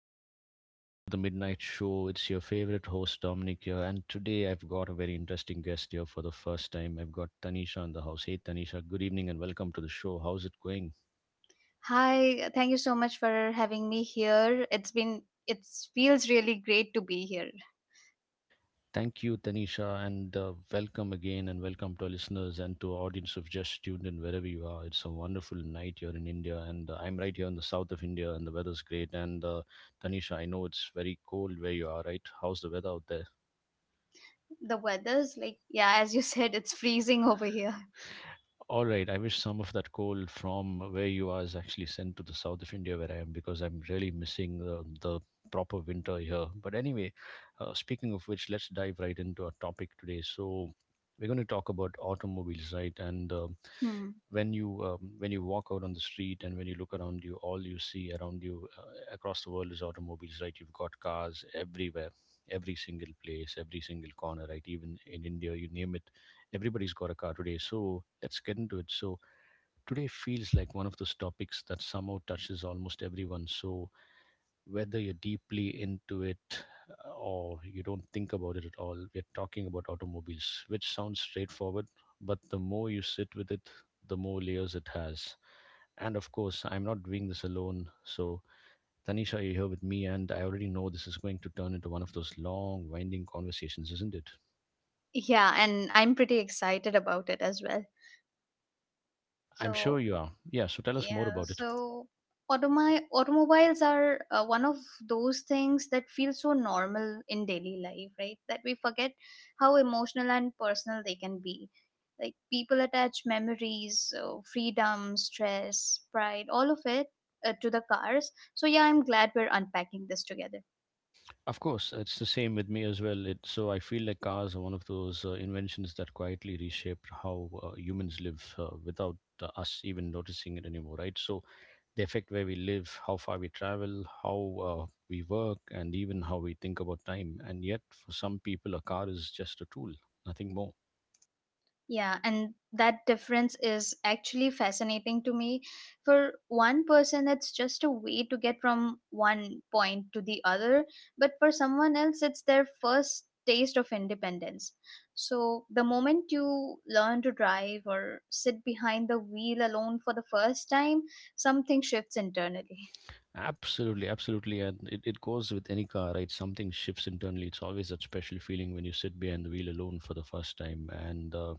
Welcome to the Midnight Show. It's your favorite host Dominic here, and today I've got a very interesting guest here for the first time. I've got Tanisha in the house. Hey Tanisha, good evening and welcome to the show. How's it going? Hi, thank you so much for having me here. It feels really great to be here. Thank you, Tanisha, and welcome again, and welcome to our listeners and to our audience who've just tuned in wherever you are. It's a wonderful night here in India, and I'm right here in the south of India, and the weather's great. And Tanisha, I know it's very cold where you are, right? How's the weather out there? The weather's like, yeah, as you said, it's freezing over here. All right. I wish some of that coal from where you are is actually sent to the south of India, where I am, because I'm really missing the proper winter here. But anyway, speaking of which, let's dive right into our topic today. So, we're going to talk about automobiles, right? And Hmm. When you walk out on the street and when you look around you, all you see around you across the world is automobiles, right? You've got cars everywhere, every single place, every single corner, right? Even in India, you name it, everybody's got a car today. So let's get into it. So today feels like one of those topics that somehow touches almost everyone. So whether you're deeply into it or you don't think about it at all, we're talking about automobiles, which sounds straightforward, but the more you sit with it, the more layers it has. And of course, I'm not doing this alone. So, Tanisha, you're here with me, and I already know this is going to turn into one of those long, winding conversations, isn't it? Yeah, and I'm pretty excited about it as well. I'm sure So you are. Yeah, so tell us more yeah, about it. so automobiles are one of those things that feel so normal in daily life, right? That we forget how emotional and personal they can be. Like, people attach memories, freedom, stress, pride, all of it to the cars. So, yeah, I'm glad we're unpacking this together. Of course, it's the same with me as well. It, so I feel like cars are one of those inventions that quietly reshaped how humans live without us even noticing it anymore, right? So they affect where we live, how far we travel, how we work, and even how we think about time. And yet, for some people, a car is just a tool, nothing more. Yeah, and that difference is actually fascinating to me. For one person, it's just a way to get from one point to the other, but for someone else, it's their first taste of independence. So, the moment you learn to drive or sit behind the wheel alone for the first time, something shifts internally. Absolutely, absolutely. And it goes with any car, right? Something shifts internally. It's always that special feeling when you sit behind the wheel alone for the first time. And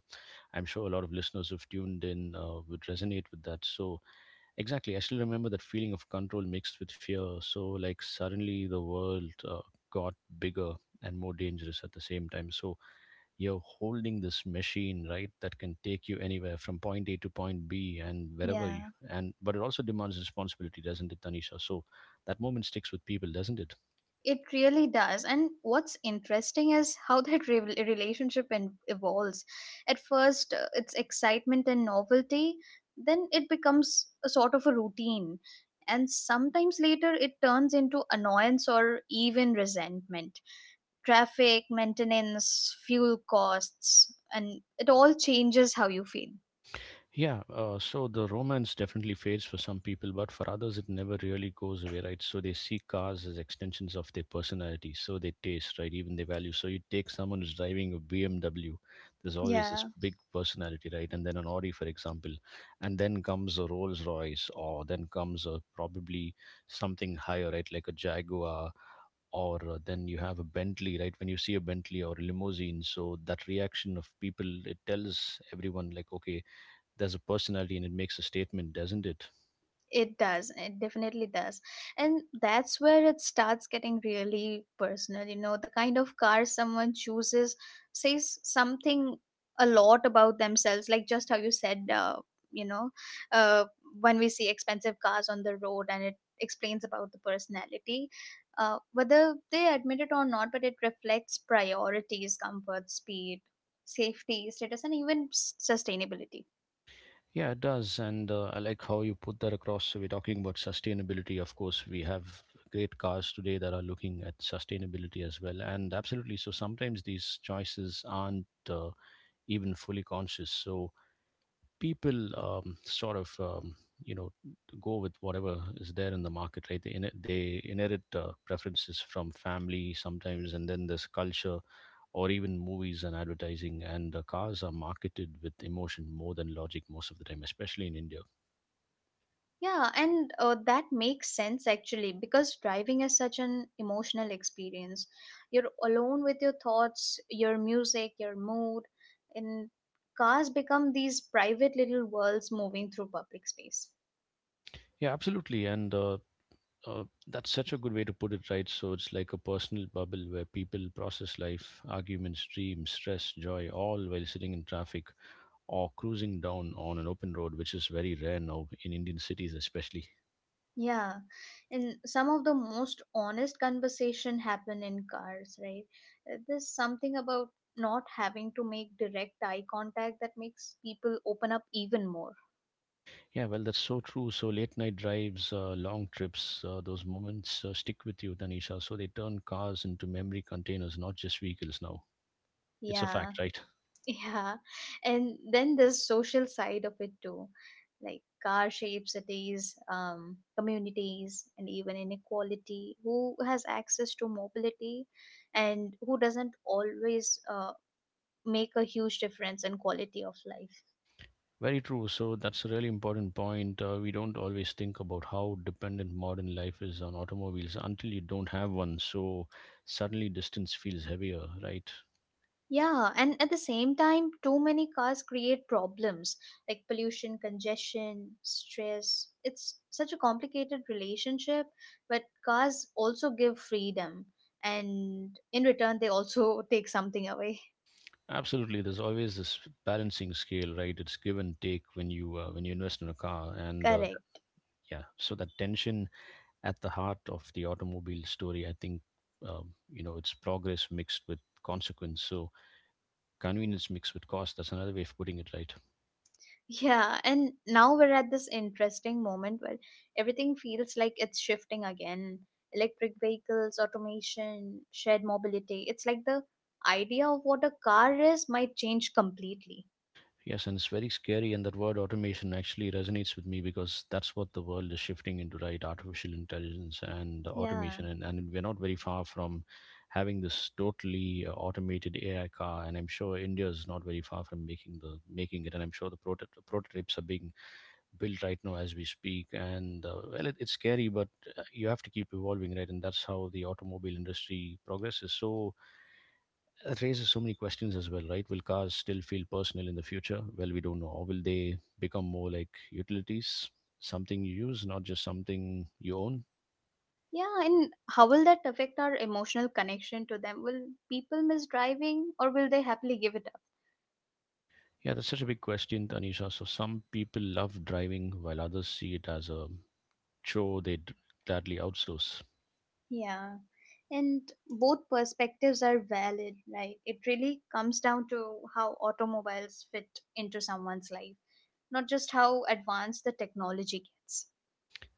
I'm sure a lot of listeners who've tuned in would resonate with that. So, exactly, I still remember that feeling of control mixed with fear. So, like, suddenly the world got bigger and more dangerous at the same time. So, you're holding this machine, right, that can take you anywhere from point A to point B and wherever you, Yeah. and but it also demands responsibility, doesn't it, Tanisha? So, that moment sticks with people, doesn't it? It really does. And what's interesting is how that relationship evolves. At first, it's excitement and novelty, then it becomes a sort of a routine. And sometimes later, it turns into annoyance or even resentment. Traffic, maintenance, fuel costs, and it all changes how you feel. Yeah, so the romance definitely fades for some people, but for others, it never really goes away, right? So they see cars as extensions of their personality, so they taste, right? Even their value. So you take someone who's driving a BMW, there's always this Yeah. big personality, right? And then an Audi, for example, and then comes a Rolls Royce, or then comes a probably something higher, right? Like a Jaguar, or then you have a Bentley, right? When you see a Bentley or a limousine, so that reaction of people, it tells everyone, like, okay, there's a personality and it makes a statement, doesn't it? It does. It definitely does. And that's where it starts getting really personal. You know, the kind of car someone chooses says something a lot about themselves, like just how you said, you know, uh, when we see expensive cars on the road and it explains about the personality, whether they admit it or not, but it reflects priorities, comfort, speed, safety, status, and even sustainability. Yeah, it does. And I like how you put that across. So, we're talking about sustainability. Of course, we have great cars today that are looking at sustainability as well. And absolutely. So, sometimes these choices aren't even fully conscious. So, people you know, go with whatever is there in the market, right? They inherit preferences from family sometimes, and then there's culture or even movies and advertising, and cars are marketed with emotion more than logic most of the time, especially in India. Yeah, and that makes sense actually because driving is such an emotional experience. You're alone with your thoughts, your music, your mood, and cars become these private little worlds moving through public space. Yeah, absolutely. And That's such a good way to put it, right? So it's like a personal bubble where people process life, arguments, dreams, stress, joy, all while sitting in traffic or cruising down on an open road, which is very rare now in Indian cities especially. Yeah, and some of the most honest conversation happen in cars, right? There's something about not having to make direct eye contact that makes people open up even more. Yeah, well that's so true. So late night drives, long trips, those moments stick with you, Tanisha. So they turn cars into memory containers, not just vehicles now. It's a Yeah. fact, right? Yeah, and then the social side of it too, like, car shapes cities, communities, and even inequality. Who has access to mobility, and who doesn't, always make a huge difference in quality of life. Very true. So that's a really important point. We don't always think about how dependent modern life is on automobiles until you don't have one. So suddenly distance feels heavier, right? Yeah, and at the same time, too many cars create problems like pollution, congestion, stress. It's such a complicated relationship, but cars also give freedom, and in return, they also take something away. Absolutely. There's always this balancing scale, right? It's give and take when you invest in a car, and Correct. yeah, so that tension at the heart of the automobile story, I think, it's progress mixed with consequence. So convenience mixed with cost, that's another way of putting it, right? Yeah, and now we're at this interesting moment where everything feels like it's shifting again. Electric vehicles, automation, shared mobility. It's like the idea of what a car is might change completely. Yes, and it's very scary, and that word automation actually resonates with me because that's what the world is shifting into, right? Artificial intelligence and Yeah. automation. And we're not very far from having this totally automated AI car. And I'm sure India is not very far from making it. And I'm sure the prototypes are being built right now as we speak. And well, it's scary, but you have to keep evolving, right? And that's how the automobile industry progresses. So, that raises so many questions as well, right? Will cars still feel personal in the future? Well, we don't know. Or will they become more like utilities, something you use, not just something you own? Yeah, and how will that affect our emotional connection to them? Will people miss driving, or will they happily give it up? Yeah, that's such a big question, Tanisha. So some people love driving while others see it as a chore they'd gladly outsource. Yeah, and both perspectives are valid. Like, it really comes down to how automobiles fit into someone's life, not just how advanced the technology gets.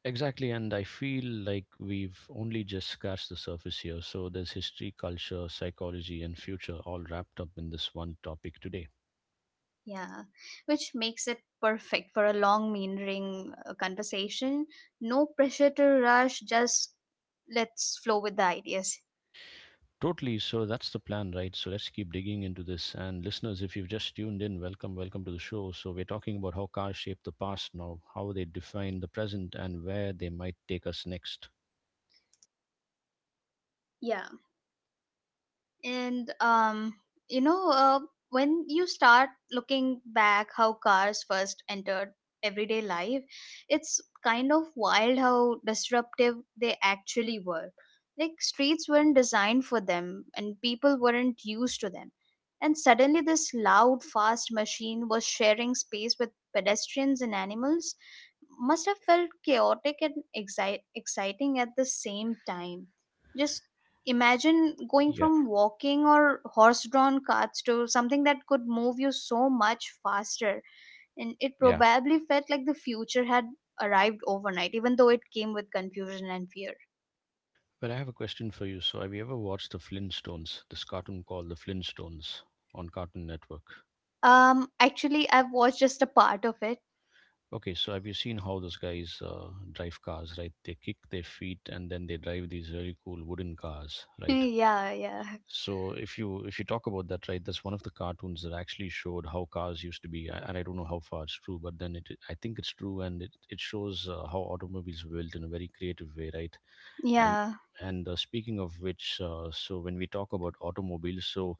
Exactly, and I feel like we've only just scratched the surface here. So there's history, culture, psychology, and future all wrapped up in this one topic today. Yeah, which makes it perfect for a long, meandering conversation. No pressure to rush, just let's flow with the ideas. Totally. So that's the plan, right? So let's keep digging into this. And listeners, if you've just tuned in, welcome, welcome to the show. So we're talking about how cars shape the past now, how they define the present, and where they might take us next. Yeah, and you know uh, when you start looking back how cars first entered everyday life, it's kind of wild how disruptive they actually were. Like, streets weren't designed for them and people weren't used to them, and suddenly this loud, fast machine was sharing space with pedestrians and animals. Must have felt chaotic and exciting at the same time. Just imagine going Yeah, from walking or horse-drawn carts to something that could move you so much faster, and it yeah. probably felt like the future had arrived overnight, even though it came with confusion and fear. But I have a question for you. So have you ever watched the Flintstones, this cartoon called the Flintstones on Cartoon Network? Um, actually, I've watched just a part of it. Okay, so have you seen how those guys drive cars, right? They kick their feet and then they drive these really cool wooden cars, right? Yeah, yeah. So if you talk about that, right, that's one of the cartoons that actually showed how cars used to be, and I don't know how far it's true, but then it I think it's true, and it shows how automobiles were built in a very creative way, right? And Yeah. and speaking of which, so when we talk about automobiles, so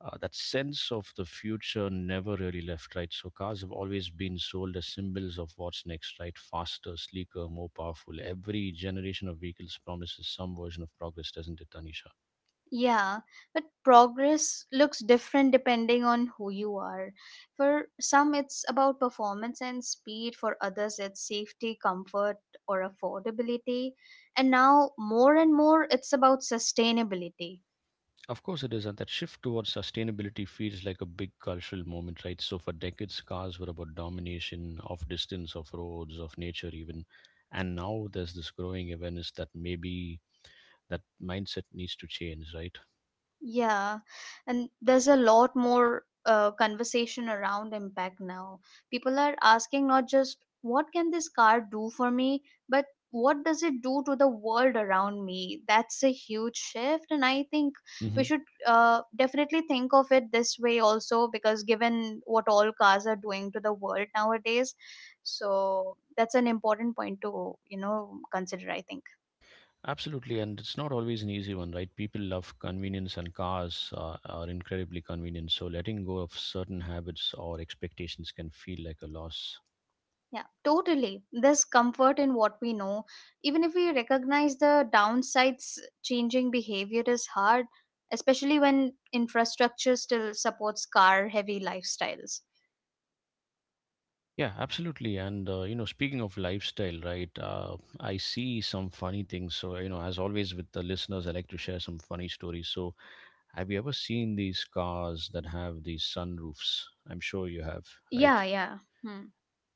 that sense of the future never really left, right? So cars have always been sold as symbols of what's next, right? Faster, sleeker, more powerful. Every generation of vehicles promises some version of progress, doesn't it, Tanisha? Yeah, but progress looks different depending on who you are. For some, it's about performance and speed; for others, it's safety, comfort, or affordability. And now, more and more, it's about sustainability. Of course, it is, and that shift towards sustainability feels like a big cultural moment, right? So, for decades, cars were about domination of distance, of roads, of nature, even. And now there's this growing awareness that maybe that mindset needs to change, right? Yeah, and there's a lot more conversation around impact now. People are asking, not just what can this car do for me, but what does it do to the world around me? That's a huge shift, and I think we Hmm. should, definitely think of it this way also, because given what all cars are doing to the world nowadays, so that's an important point to, you know, consider, I think. Absolutely, and it's not always an easy one, right? People love convenience, and cars are incredibly convenient. So, letting go of certain habits or expectations can feel like a loss. Yeah, totally. There's comfort in what we know. Even if we recognize the downsides, changing behavior is hard, especially when infrastructure still supports car heavy lifestyles. Yeah, absolutely. And you know, speaking of lifestyle, right? I see some funny things. So you know, as always with the listeners, I like to share some funny stories. So, have you ever seen these cars that have these sunroofs? I'm sure you have, right? Yeah, yeah. Hmm.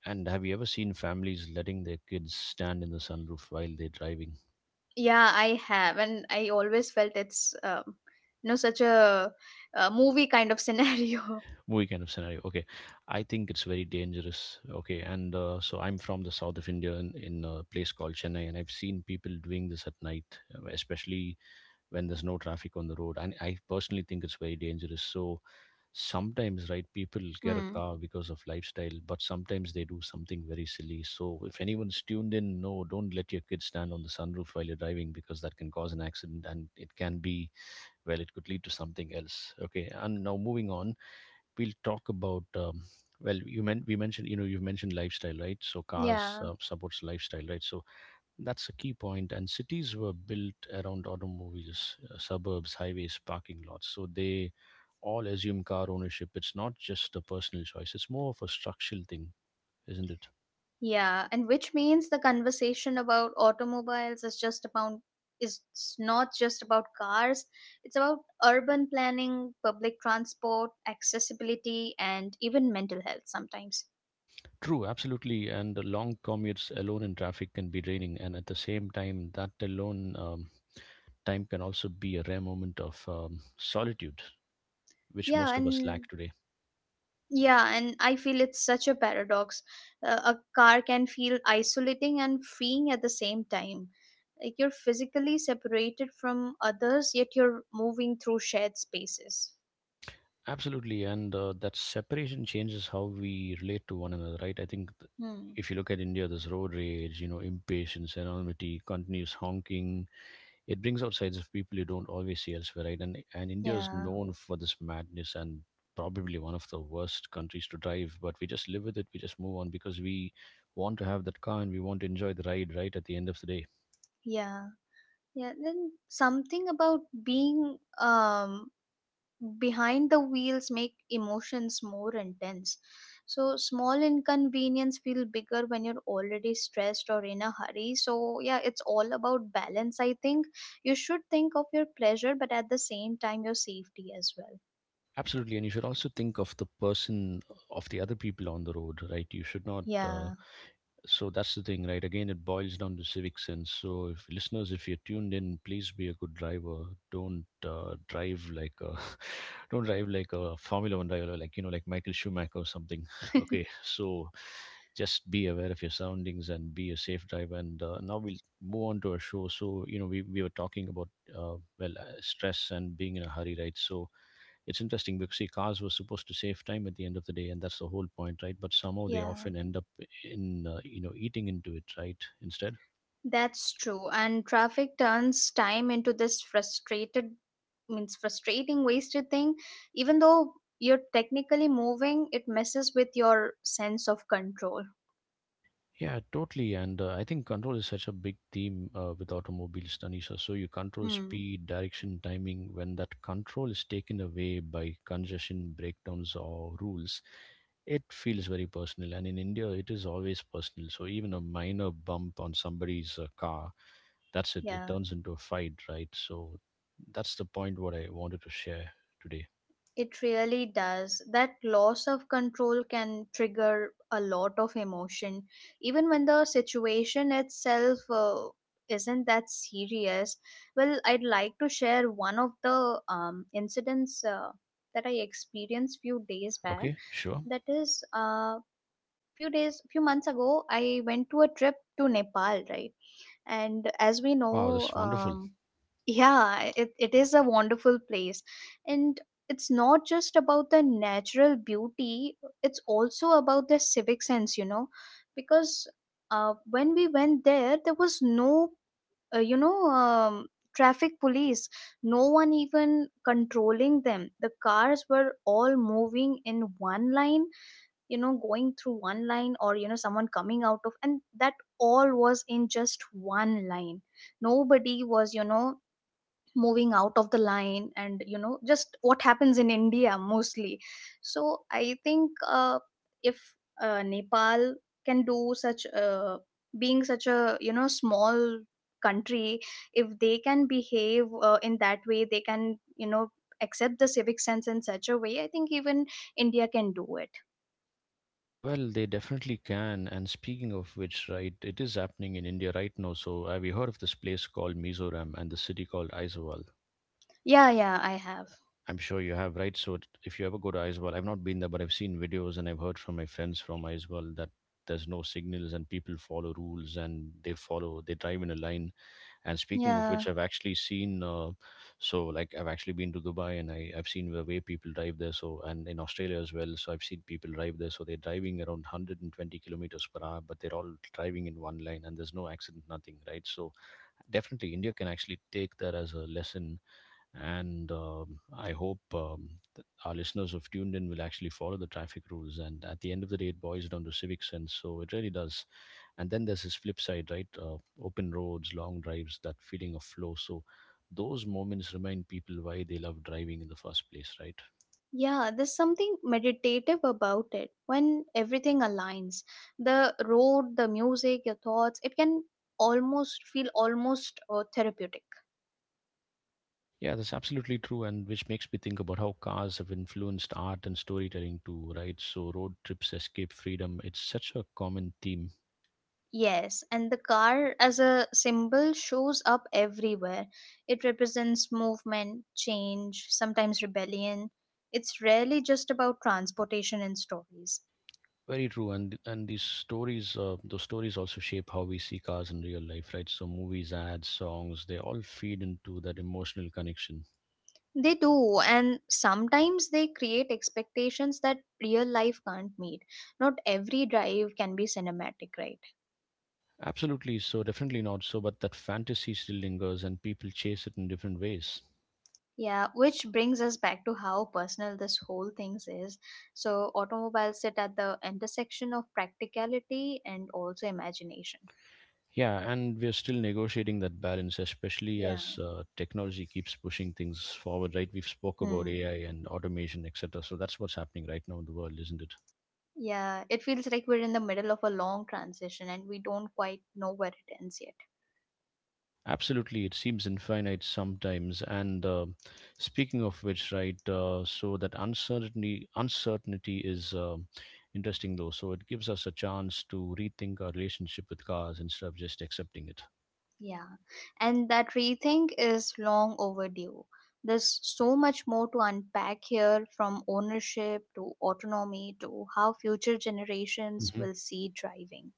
And have you ever seen families letting their kids stand in the sunroof while they're driving? Yeah, I have. And I always felt it's, you know, such a movie kind of scenario. Movie kind of scenario. Okay, I think it's very dangerous. Okay, and so I'm from the south of India in a place called Chennai, and I've seen people doing this at night, especially when there's no traffic on the road. And I personally think it's very dangerous. So sometimes, right, people get a Hmm. car because of lifestyle, but sometimes they do something very silly. So if anyone's tuned in, no, don't let your kids stand on the sunroof while you're driving because that can cause an accident and it can be, well, it could lead to something else. Okay. And now moving on, we'll talk about. Well, you meant we mentioned, you've mentioned lifestyle, right? So cars Yeah. Supports lifestyle, right? So that's a key point. And cities were built around automobiles, suburbs, highways, parking lots. So they all assume car ownership. It's not just a personal choice, it's more of a structural thing, isn't it? Yeah, and which means the conversation about automobiles is just about is not just about cars. It's about urban planning, public transport, accessibility, and even mental health sometimes. True, absolutely. And the long commutes alone in traffic can be draining. And at the same time, that alone time can also be a rare moment of solitude, which Yeah, most of us lack and today. yeah, and I feel it's such a paradox. A car can feel isolating and freeing at the same time. Like, you're physically separated from others, yet you're moving through shared spaces. Absolutely, and that separation changes how we relate to one another, right? Hmm. If you look at India, there's road rage, impatience, anonymity, continuous honking. It brings out sides of people you don't always see elsewhere, right? And India is Yeah. known for this madness and probably one of the worst countries to drive. But we just live with it. We just move on because we want to have that car and we want to enjoy the ride, right? At the end of the day, Yeah. Yeah, then something about being, behind the wheels make emotions more intense. So small inconvenience feel bigger when you're already stressed or in a hurry. So yeah, it's all about balance. I think you should think of your pleasure, but at the same time your safety as well. absolutely. And you should also think of the person of the other people on the road, right? You should not Yeah, So that's the thing, right? Again, it boils down to civic sense. So, if listeners, if you're tuned in, please be a good driver. Don't drive like a, don't drive like a Formula One driver, like Michael Schumacher or something. Okay, so just be aware of your surroundings and be a safe driver. And now we'll move on to our show. So, we were talking about stress and being in a hurry, right? So, it's interesting because see, cars were supposed to save time at the end of the day, and that's the whole point, right? But somehow they yeah. often end up in eating into it, right? Instead. That's true. And traffic turns time into this frustrated, means frustrating, wasted thing. Even though you're technically moving, it messes with your sense of control. Yeah, totally. And I think control is such a big theme with automobiles, Tanisha. So you control Hmm. speed, direction, timing. When that control is taken away by congestion, breakdowns, or rules, it feels very personal. And in India, it is always personal. So even a minor bump on somebody's car, that's it, Yeah. turns into a fight, right? So that's the point what I wanted to share today. It really does. That loss of control can trigger a lot of emotion, even when the situation itself isn't that serious. Well, I'd like to share one of the incidents that I experienced few days back. Okay, sure. That is, few months ago, I went to a trip to Nepal, right? And as we Wow, know, that's wonderful. Yeah, it is a wonderful place. And it's not just about the natural beauty, it's also about the civic sense, you know, because when we went there, there was no, uh, you know, um, traffic police, no one even controlling them. The cars were all moving in one line, you know, going through one line, or, you know, someone coming out of, and that all was in just one line. Nobody was, you know, moving out of the line and, you know, just what happens in India mostly. So I think, if Nepal can do such, being such a, you know, small country, if they can behave in that way, they can, you know, accept the civic sense in such a way, I think even India can do it. Well, they definitely can, and speaking of which, right? It is happening in India right now. So have you heard of this place called Mizoram and the city called Aizawl? Yeah, yeah, I have. I'm sure you have, right? If you ever go to Aizawl, I've not been there, but I've seen videos and I've heard from my friends from Aizawl that there's no signals and people follow rules, and they drive in a line. And speaking of which, Yeah. I've actually seen, I've actually been to Dubai, and I've seen the way people drive there. So, and in Australia as well. So I've seen people drive there. So they're driving around 120 kilometers per hour, but they're all driving in one line and there's no accident, nothing, right? So definitely India can actually take that as a lesson. And I hope our listeners who've tuned in will actually follow the traffic rules. And at the end of the day, it boils down to civic sense. So it really does. And then there's this flip side, right? Open roads, long drives, that feeling of flow. So those moments remind people why they love driving in the first place, right? Yeah, there's something meditative about it when everything aligns. The road, the music, your thoughts, it can almost feel almost therapeutic. Yeah, that's absolutely true. And which makes me think about how cars have influenced art and storytelling too, right? So road trips, escape, freedom, it's such a common theme. Yes, and the car as a symbol shows up everywhere. It represents movement, change, sometimes rebellion. It's rarely just about transportation and stories. Very true. And these stories, those stories also shape how we see cars in real life, right? So movies, ads, songs, they all feed into that emotional connection. They do, and sometimes they create expectations that real life can't meet. Not every drive can be cinematic, right? Absolutely. So definitely not, so, but that fantasy still lingers and people chase it in different ways. Yeah, which brings us back to how personal this whole thing is. So, automobiles sit at the intersection of practicality and also imagination. Yeah, and we're still negotiating that balance, especially Yeah. as technology keeps pushing things forward, right? We've spoke about Hmm. AI and automation, etc. So that's what's happening right now in the world, isn't it? Yeah, it feels like we're in the middle of a long transition and we don't quite know where it ends yet. Absolutely, it seems infinite sometimes. And speaking of which, right? So that uncertainty is interesting though. So it gives us a chance to rethink our relationship with cars instead of just accepting it. Yeah, and that rethink is long overdue. There's so much more to unpack here, from ownership to autonomy to how future generations Hmm. will see driving.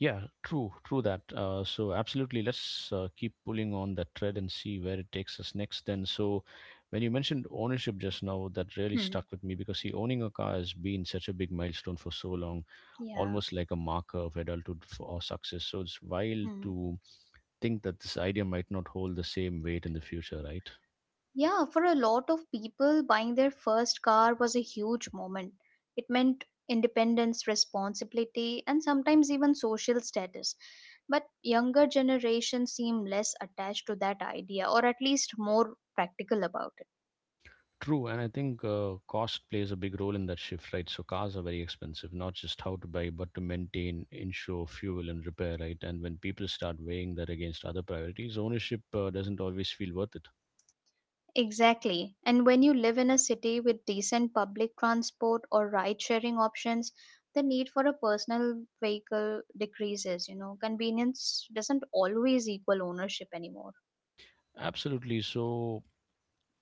Yeah, true that. So absolutely, let's keep pulling on that thread and see where it takes us next. Then, so when you mentioned ownership just now, that really Hmm. stuck with me because see, owning a car has been such a big milestone for so long, Yeah. almost like a marker of adulthood for our success. So it's wild Hmm. to think that this idea might not hold the same weight in the future, right? Yeah, for a lot of people, buying their first car was a huge moment. It meant independence, responsibility, and sometimes even social status. But younger generations seem less attached to that idea, or at least more practical about. True, and I think cost plays a big role in that shift, right? So cars are very expensive, not just how to buy, but to maintain, insure, fuel, and repair, right? And when people start weighing that against other priorities, ownership doesn't always feel worth it. Exactly. And when you live in a city with decent public transport or ride sharing options, the need for a personal vehicle decreases. You know, convenience doesn't always equal ownership anymore. Absolutely. So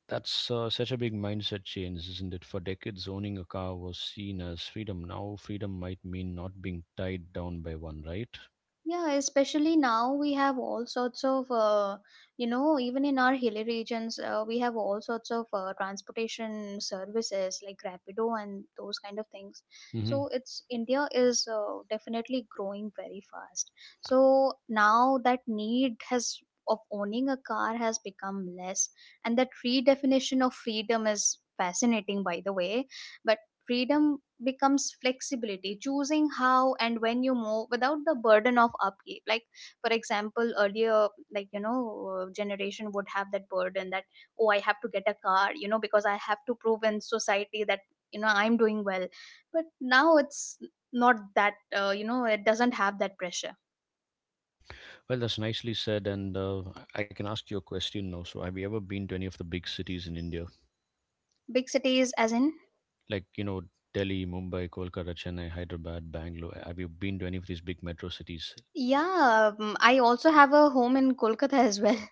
that's such a big mindset change, isn't it? For decades, owning a car was seen as freedom. Now, freedom might mean not being tied down by one, right? Yeah, especially now we have all sorts of, you know, even in our hilly regions, we have all sorts of transportation services like Rapido and those kind of things. Hmm. So it's, India is, definitely growing very fast. So now that need has, of owning a car, has become less, and that redefinition of freedom is fascinating, by the way. But freedom becomes flexibility, choosing how and when you move without the burden of upkeep. Like, for example, earlier, like, you know, generation would have that burden that, oh, I have to get a car, you know, because I have to prove in society that, you know, I'm doing well, but now it's not that, you know, it doesn't have that pressure. Well, that's nicely said. And I can ask you a question now. So, have you ever been to any of the big cities in India? Big cities as in? Like, you know, Delhi, Mumbai, Kolkata, Chennai, Hyderabad, Bangalore. Have you been to any of these big metro cities? Yeah, I also have a home in Kolkata as well.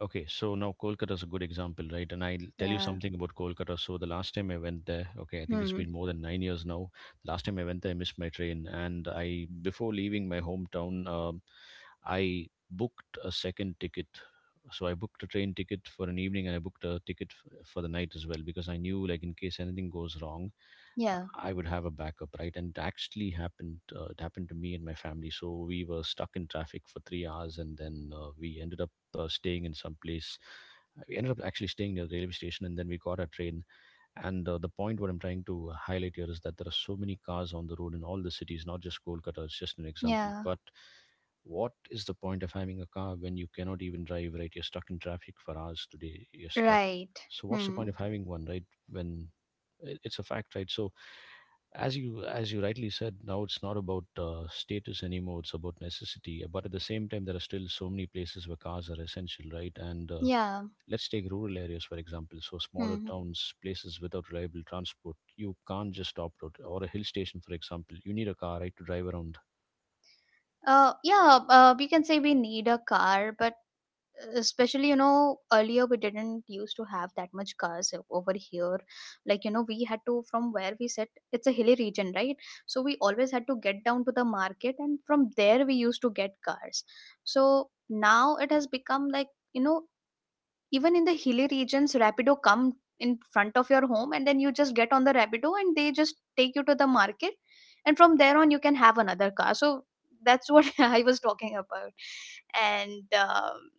Okay, so now Kolkata is a good example, right? And I'll tell you Yeah. something about Kolkata. So the last time I went there, okay, I think it's Hmm. been more than 9 years now. Last time I went there, I missed my train, and I before leaving my hometown, I booked a second ticket. So I booked a train ticket for an evening, and I booked a ticket for the night as well because I knew, like, in case anything goes wrong, Yeah. I would have a backup, right? And it actually happened. It happened to me and my family. So we were stuck in traffic for 3 hours, and then we ended up staying in some place. We ended up actually staying near the railway station, and then we got a train. And the point what I'm trying to highlight here is that there are so many cars on the road in all the cities, not just Kolkata. It's just an example. Yeah. But what is the point of having a car when you cannot even drive, right? You're stuck in traffic for hours today. You're stuck. Right. So what's the point Hmm. of having one, right? When it's a fact, right? So as you rightly said, now it's not about status anymore. It's about necessity. But at the same time, there are still so many places where cars are essential, right? And Yeah. let's take rural areas, for example. So, smaller Hmm. towns, places without reliable transport. You can't just opt out. Or a hill station, for example. You need a car, right, to drive around. Yeah, we can say we need a car, but especially, you know, earlier we didn't used to have that much cars over here. Like, you know, we had to, from where we sit, it's a hilly region, right? So we always had to get down to the market, and from there we used to get cars. So now it has become like, you know, even in the hilly regions, Rapido come in front of your home and then you just get on the Rapido and they just take you to the market, and from there on you can have another car. So that's what I was talking about. and um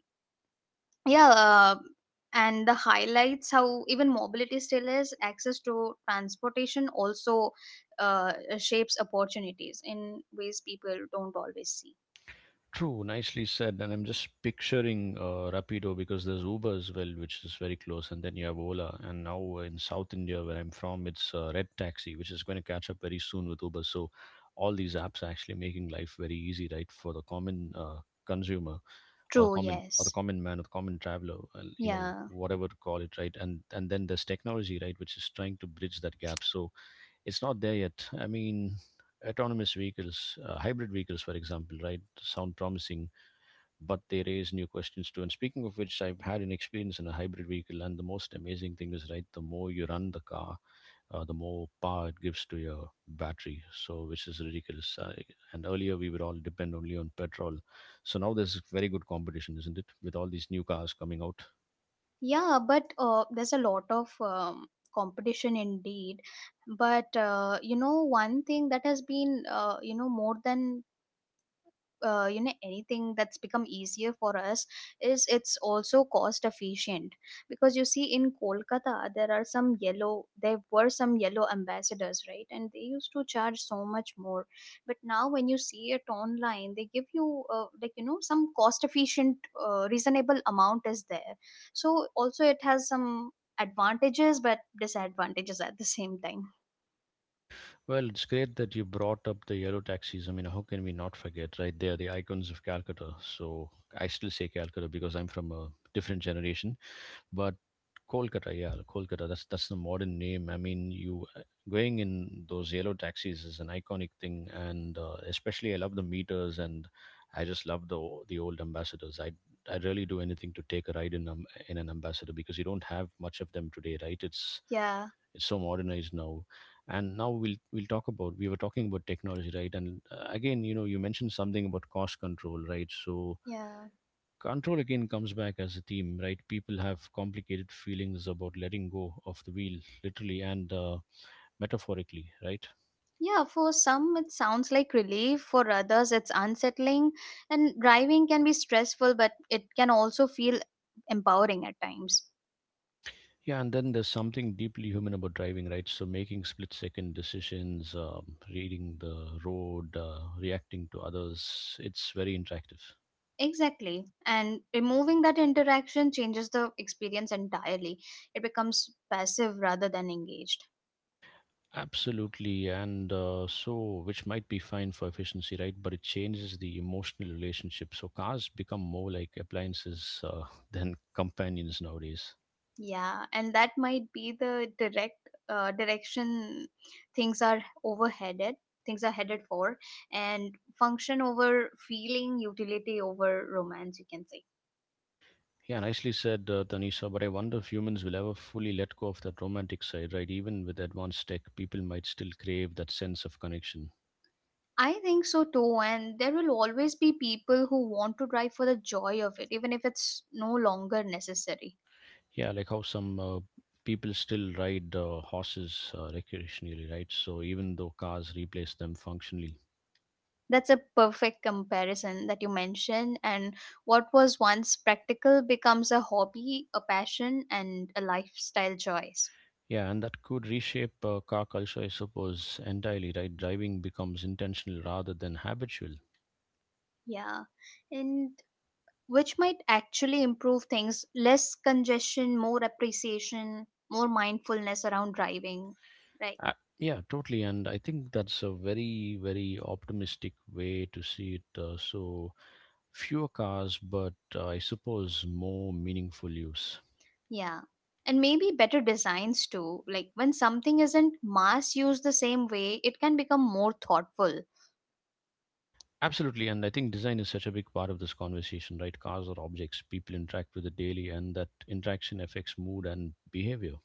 yeah uh, and the highlights how even mobility still is access to transportation also, uh, shapes opportunities in ways people don't always see. True, nicely said. And I'm just picturing Rapido because there's Uber as well, which is very close. And then you have Ola. And now in South India, where I'm from, it's Red Taxi, which is going to catch up very soon with Uber. So all these apps are actually making life very easy, right, for the common consumer. Or True. common, or the Yes. common man, or the common traveler, Yeah. whatever to call it, right? And then there's technology, right, which is trying to bridge that gap. So it's not there yet, I mean, autonomous vehicles, hybrid vehicles, for example, right, sound promising, but they raise new questions too. And speaking of which, I've had an experience in a hybrid vehicle, and the most amazing thing is, right, the more you run the car, the more power it gives to your battery. So, which is ridiculous. And earlier we would all depend only on petrol. So now there's very good competition, isn't it? With all these new cars coming out. Yeah, but there's a lot of competition indeed. But you know, one thing that has been, you know, more than, you know, anything, that's become easier for us is it's also cost efficient, because you see in Kolkata there are some yellow, there were some yellow Ambassadors, right, and they used to charge so much more, but now when you see it online, they give you, like, you know, some cost efficient, reasonable amount is there. So also it has some advantages, but disadvantages at the same time. Well, it's great that you brought up the yellow taxis. I mean, how can we not forget, right? They are the icons of Calcutta. So I still say Calcutta because I'm from a different generation. But Kolkata, yeah, Kolkata. That's the modern name. I mean, you going in those yellow taxis is an iconic thing, and especially I love the meters, and I just love the the old ambassadors. I really do anything to take a ride in an ambassador because you don't have much of them today, right? It's Yeah. it's so modernized now, and now we were talking about technology, right? And again, you know, you mentioned something about cost control, right? So Yeah. control again comes back as a theme, right? People have complicated feelings about letting go of the wheel, literally and metaphorically, right? Yeah, for some it sounds like relief, for others it's unsettling, and driving can be stressful, but it can also feel empowering at times. Yeah, and then there's something deeply human about driving, right? So making split second decisions, reading the road, reacting to others, it's very interactive. Exactly. And removing that interaction changes the experience entirely. It becomes passive rather than engaged. Absolutely, and so which might be fine for efficiency, right? But it changes the emotional relationship. So cars become more like appliances than companions nowadays. Yeah, and that might be the direction things are overheaded, things are headed for, and function over feeling, utility over romance, you can say. Yeah, nicely said, Tanisha. But I wonder if humans will ever fully let go of that romantic side, right? Even with advanced tech, people might still crave that sense of connection. I think so too, and there will always be people who want to drive for the joy of it, even if it's no longer necessary. Yeah, like how some people still ride horses recreationally, right? So even though cars replace them functionally. That's a perfect comparison that you mentioned, and what was once practical becomes a hobby, a passion, and a lifestyle choice. Yeah, and that could reshape car culture, I suppose, entirely, right? Driving becomes intentional rather than habitual. Yeah, and which might actually improve things: less congestion, more appreciation, more mindfulness around driving, right? Uh, yeah, totally. And I think that's a very, very optimistic way to see it. Fewer cars, but I suppose more meaningful use. Yeah. And maybe better designs too. Like, when something isn't mass used the same way, it can become more thoughtful. Absolutely, and I think design is such a big part of this conversation, right? Cars are objects people interact with it daily, and that interaction affects mood and behavior.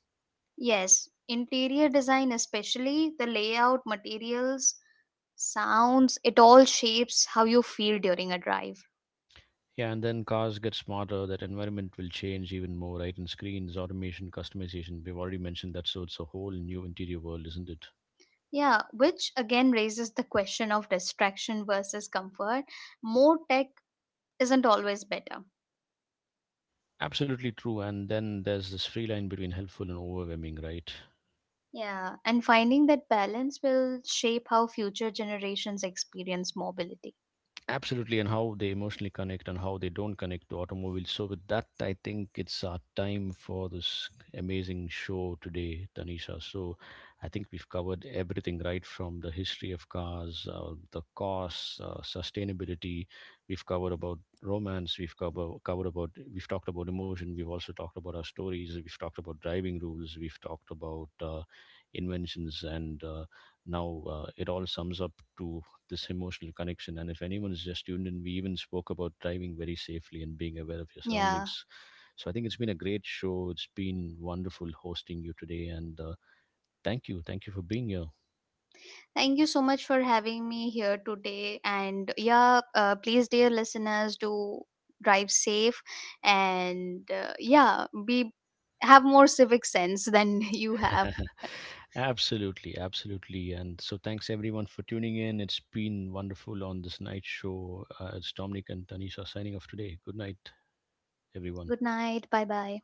Yes, interior design, especially the layout, materials, sounds, it all shapes how you feel during a drive. Yeah, and then cars get smarter, that environment will change even more, right? And screens, automation, customization, we've already mentioned that, so it's a whole new interior world, isn't it? Yeah, which again raises the question of distraction versus comfort. More tech isn't always better. Absolutely true, and then there's this free line between helpful and overwhelming, right? Yeah, and finding that balance will shape how future generations experience mobility. Absolutely, and how they emotionally connect and how they don't connect to automobiles. So, with that, I think it's our time for this amazing show today, Tanisha. So, I think we've covered everything right from the history of cars, the costs, sustainability. We've covered about romance. We've covered covered about. We've talked about emotion. We've also talked about our stories. We've talked about driving rules. We've talked about inventions, and now it all sums up to this emotional connection. And if anyone is just tuned in, we even spoke about driving very safely and being aware of your Yeah. surroundings. So I think it's been a great show. It's been wonderful hosting you today, and thank you for being here. Thank you so much for having me here today. And yeah, please, dear listeners, do drive safe, and yeah, be have more civic sense than you have. Absolutely, absolutely, and so thanks everyone for tuning in. It's been wonderful on this night show. It's Dominic and Tanisha signing off today. Good night, everyone. Good night. Bye bye.